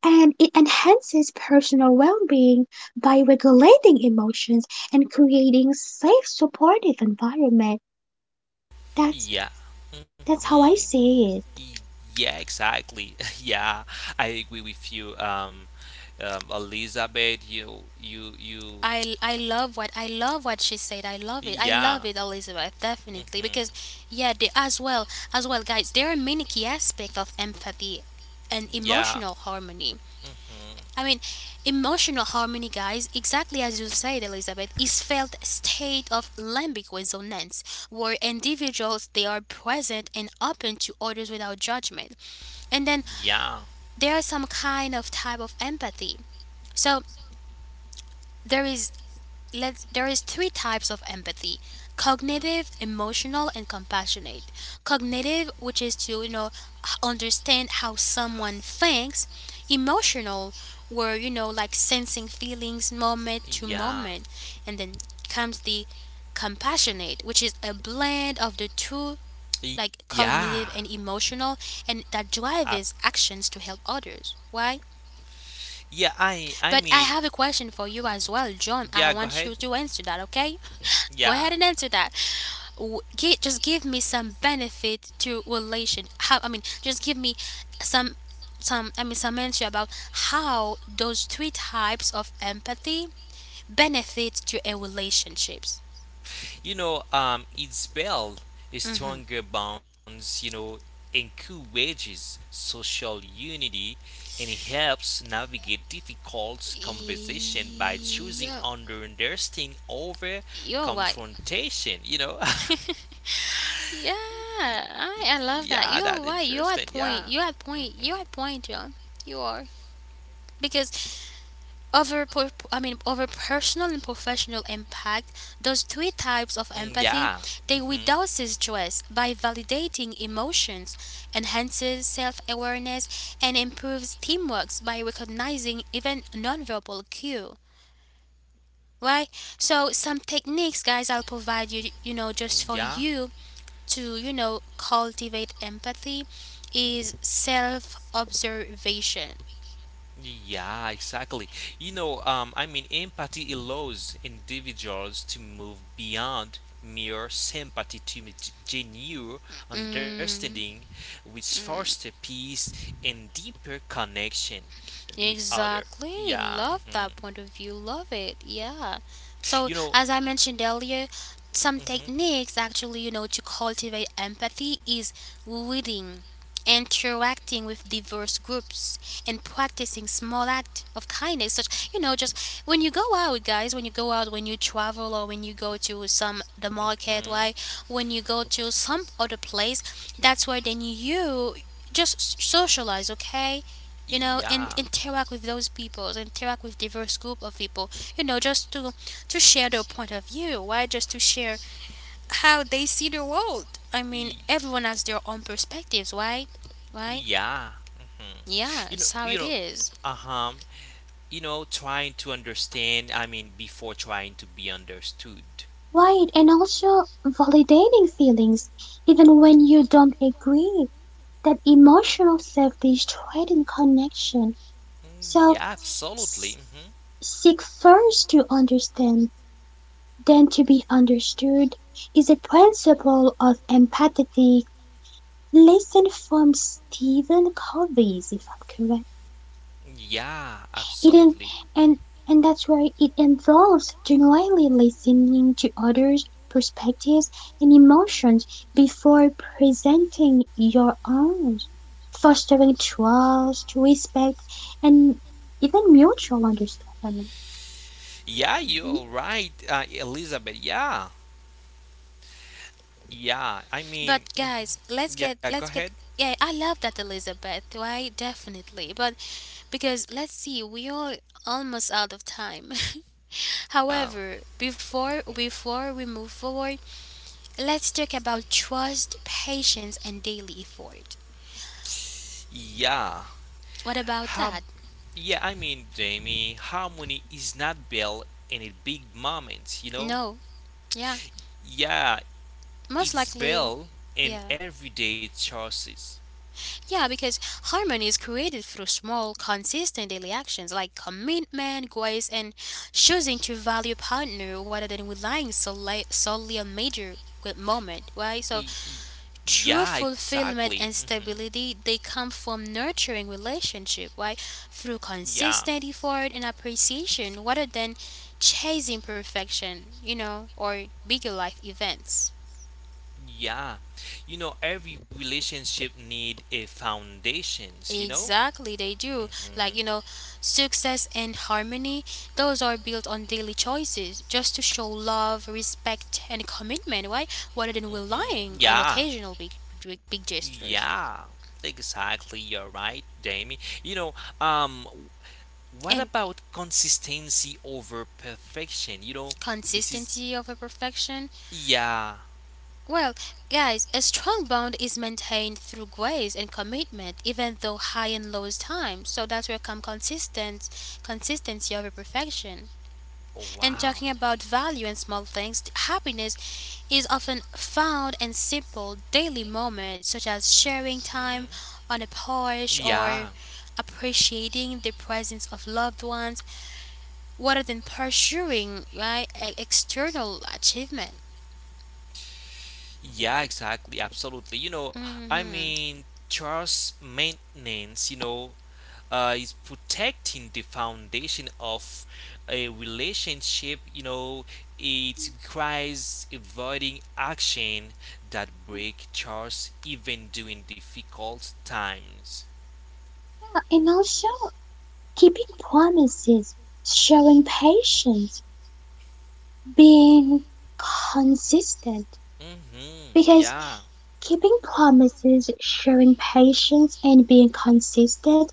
and it enhances personal well-being by regulating emotions and creating safe supportive environment. That's Yeah. that's how Mm-hmm. I see it. Y- Yeah, exactly. Yeah, I agree with you, Elizabeth. You. I love what I love what she said. I love it. I love Yeah. it, Elizabeth. Definitely because Mm-hmm. yeah, as well, guys. There are many key aspects of empathy and Yeah. emotional harmony. Mm-hmm. I mean, emotional harmony, guys. Exactly as you said, Elizabeth, is felt state of limbic resonance where individuals they are present and open to others without judgment. And then Yeah. there are some kind of type of empathy. So there is let's there is three types of empathy, cognitive, Mhm, emotional, and compassionate. Cognitive, which is to you know understand how someone thinks. Emotional, where you know like sensing feelings moment to yeah. moment. And then comes the compassionate, which is a blend of the two, like Yeah. cognitive and emotional, and that Ab- drives actions to help others. Why? Yeah, I But I mean, have a question for you as well, John. yeah, I go ahead. want you to answer that, okay? Go Yeah. ahead and answer that. Just give me some benefit to relation. How I mean, just give me some I mean some answer about how those three types of empathy benefit to a relationships. It built stronger bonds, encourages social unity and helps navigate difficult conversation by choosing Yeah, understanding over you're right. confrontation. Yeah, I Yeah, love that. that's You're right. interesting. You're at Yeah. point. You're at point. Mhm. You're at point, John. You are because over, I mean, over personal and professional impact, those three types of Mm, empathy, yeah. they Mm-hmm. reduces stress by validating emotions, enhances self-awareness, and improves teamwork by recognizing even nonverbal cue. Right? So some techniques, guys, I'll provide you, you know, Mm, just for yeah. you to, you know, cultivate empathy is self-observation. Yeah, exactly. I mean, empathy allows individuals to move beyond mere sympathy to genuine understanding, Mm, which fosters mm. peace and deeper connection with other. Exactly. Yeah. Love that point of view. Love it. Yeah. So, You know. as I mentioned earlier, some techniques actually, you know, to cultivate empathy is reading, interacting with diverse groups, and practicing small act of kindness. Such, you know, just when you go out, guys, when you go out, when you travel, or when you go to some the market, right? hmm When you go to some other place, that's where then you just socialize, okay? You know, and Yeah. interact with those people, interact with diverse group of people, you know, just to share their point of view. Why? Just to share how they see the world. I mean, Y- everyone has their own perspectives, right? Right, Yeah. hmm yeah, You know, it's how you it know, is. uh-huh. Trying to understand, I mean, before trying to be understood. Right, and also validating feelings, even when you don't agree, that emotional safety is tied in connection. Mm, yeah, So absolutely. s- seek first to understand, then to be understood is a principle of empathy. Listen from Stephen Covey, if I'm correct. Yeah, It in absolutely. and and that's why it involves genuinely listening to others' perspectives and emotions before presenting your own, fostering trust, respect, and even mutual understanding. Yeah, Mhm. you're right, Elizabeth. Yeah. Yeah, I But mean, mhm, guys, let's yeah, get go let's ahead. get yeah I love that, Elizabeth, right? Definitely. But because let's see, we are almost out of time. Uh, However, before we move forward, let's talk about trust, patience, and daily effort. yeah, What about how? that? Yeah, I mean, Jamie, harmony is not built in a big moment, you know. No. Yeah. Yeah, Most it's likely. built in Yeah. everyday choices. Yeah, because harmony is created through small, consistent daily actions like commitment, grace, and choosing to value partner rather than relying solely on major good moment, right? So Y- y- true Yeah, fulfillment exactly. and stability they come from nurturing relationship, right? Through Yeah. consistent effort and appreciation rather than chasing perfection, you know, or bigger life events. Yeah. Every relationship need a foundations, you know? Exactly, they do. Mhm. Like, you know, success and harmony, those are built on daily choices just to show love, respect, and commitment, right? Rather than Mhm. relying on Yeah. occasional big gestures. Yeah. Exactly. You're right, Jamie. You know, um what And about consistency over perfection? This is consistency over perfection. yeah. Well, guys, a strong bond is maintained through grace and commitment, even though high and low is timed. So that's where come consistent consistency over perfection. Oh, And wow. talking about value and small things, happiness is often found in simple daily moments such as sharing time Mhm. on a porch or Yeah. appreciating the presence of loved ones rather than pursuing external achievement. Yeah, exactly. Absolutely. I hmm mean, trust maintenance, is protecting the foundation of a relationship. It requires avoiding action that break trust even during difficult times. And also keeping promises, showing patience, being consistent. Mm-hmm. Because Yeah. keeping promises, showing patience, and being consistent,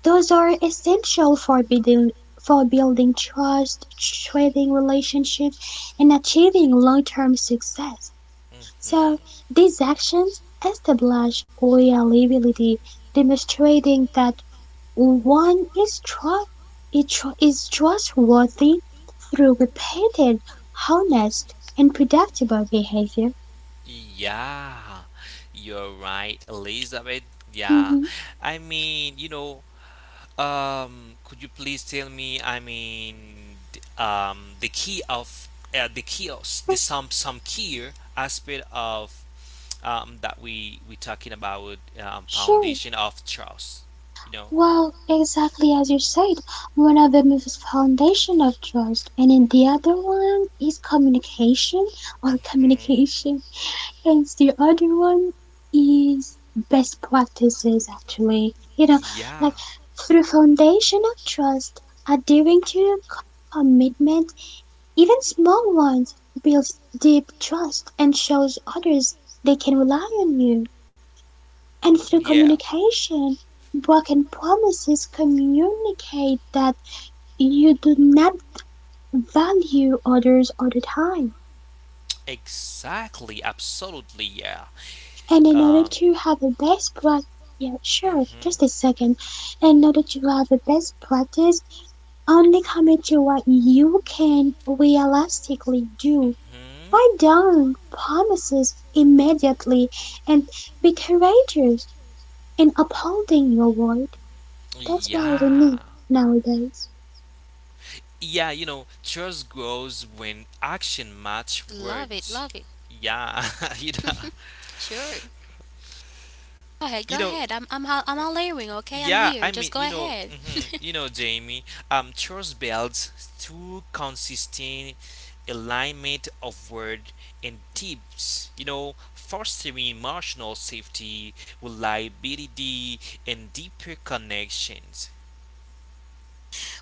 those are essential for building trust, trading relationships, and achieving long-term success. So Mm-hmm. these actions establish reliability, demonstrating that one is trustworthy through repeated, honest, and predictable behavior. Yeah, you're right, Elizabeth. Yeah, Mhm, I mean, could you please tell me? I mean, the key of the chaos, the sure. Some key aspect of that we talking about sure. foundation of trust. You know. Well, exactly as you said, one of them is foundation of trust, and then the other one is communication or hmm communication, and the other one is best practices actually. You know, Yeah. like through foundation of trust, adhering to commitment, even small ones, builds deep trust and shows others they can rely on you. And Mhm. through Yeah. communication, work and promises communicate that you do not value others all the time. Exactly. Absolutely. Yeah. And in order Um. to have a best practice, yeah, sure, Mhm. just a second. In order to have a best practice, only commit to what you can realistically do. Mhm. Write down promises immediately and be courageous in upholding your word. That's what we Yeah. need nowadays. Yeah, trust grows when action match Love it, words. love it. Yeah, you know, Sure. Go ahead, you go know, ahead. I'm all earring, okay? I'm yeah. I here. Just meango ahead. mhmJamie. Trust builds through consistent alignment of word and tips. Fostering emotional safety, reliability, and deeper connections.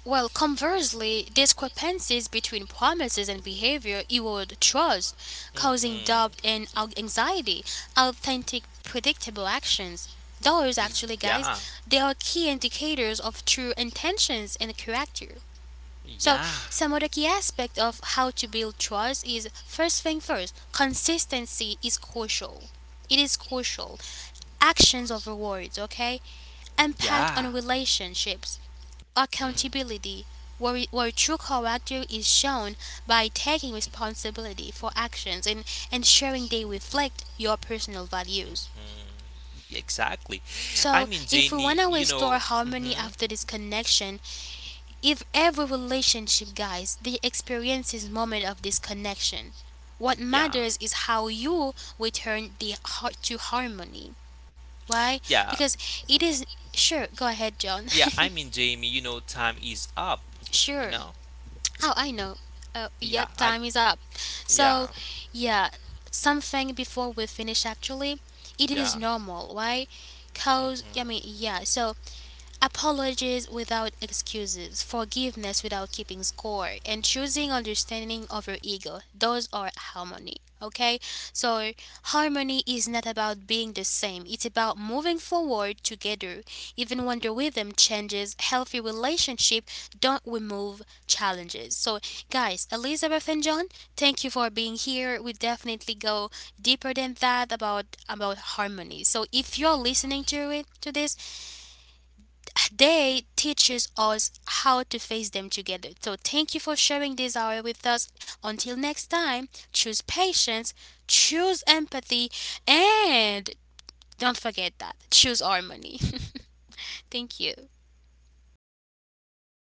Well, conversely, discrepancies between promises and behavior erode trust, causing Mhm. doubt and anxiety. Authentic, predictable actions. Those actually, guys, Yeah. they are key indicators of true intentions and character. So, Yeah. some other key aspect of how to build trust is first thing first, consistency is crucial. It is crucial. Actions over words, okay? Impact Yeah. on relationships, accountability, where true character is shown by taking responsibility for actions and ensuring they reflect your personal values. Mhm. Exactly. I So, mean, if we Jamiewant to restore harmony mhm. after disconnection, if every relationship, guys, they experiences moment of disconnection. What Yeah. matters is how you return the heart to harmony. Why? Yeah. Because it is. Sure, go ahead, John. Yeah, I mean, Jamie, time is up, you Sure. know? Oh, I know. Yeah, Yep, I time is up. So, yeah. yeah, something before we finish actually, it is Yeah. normal. Why? Cause I mean, yeah. So apologies without excuses, forgiveness without keeping score, and choosing understanding over ego. Those are harmony. Okay? So, harmony is not about being the same, it's about moving forward together. Even when the rhythm changes, healthy relationship don't remove challenges. So, guys, Elizabeth and John, thank you for being here. We definitely go deeper than that about harmony. So, if you're listening to this, they teaches us how to face them together. So thank you for sharing this hour with us. Until next time, choose patience, choose empathy, and don't forget that choose harmony. Thank you.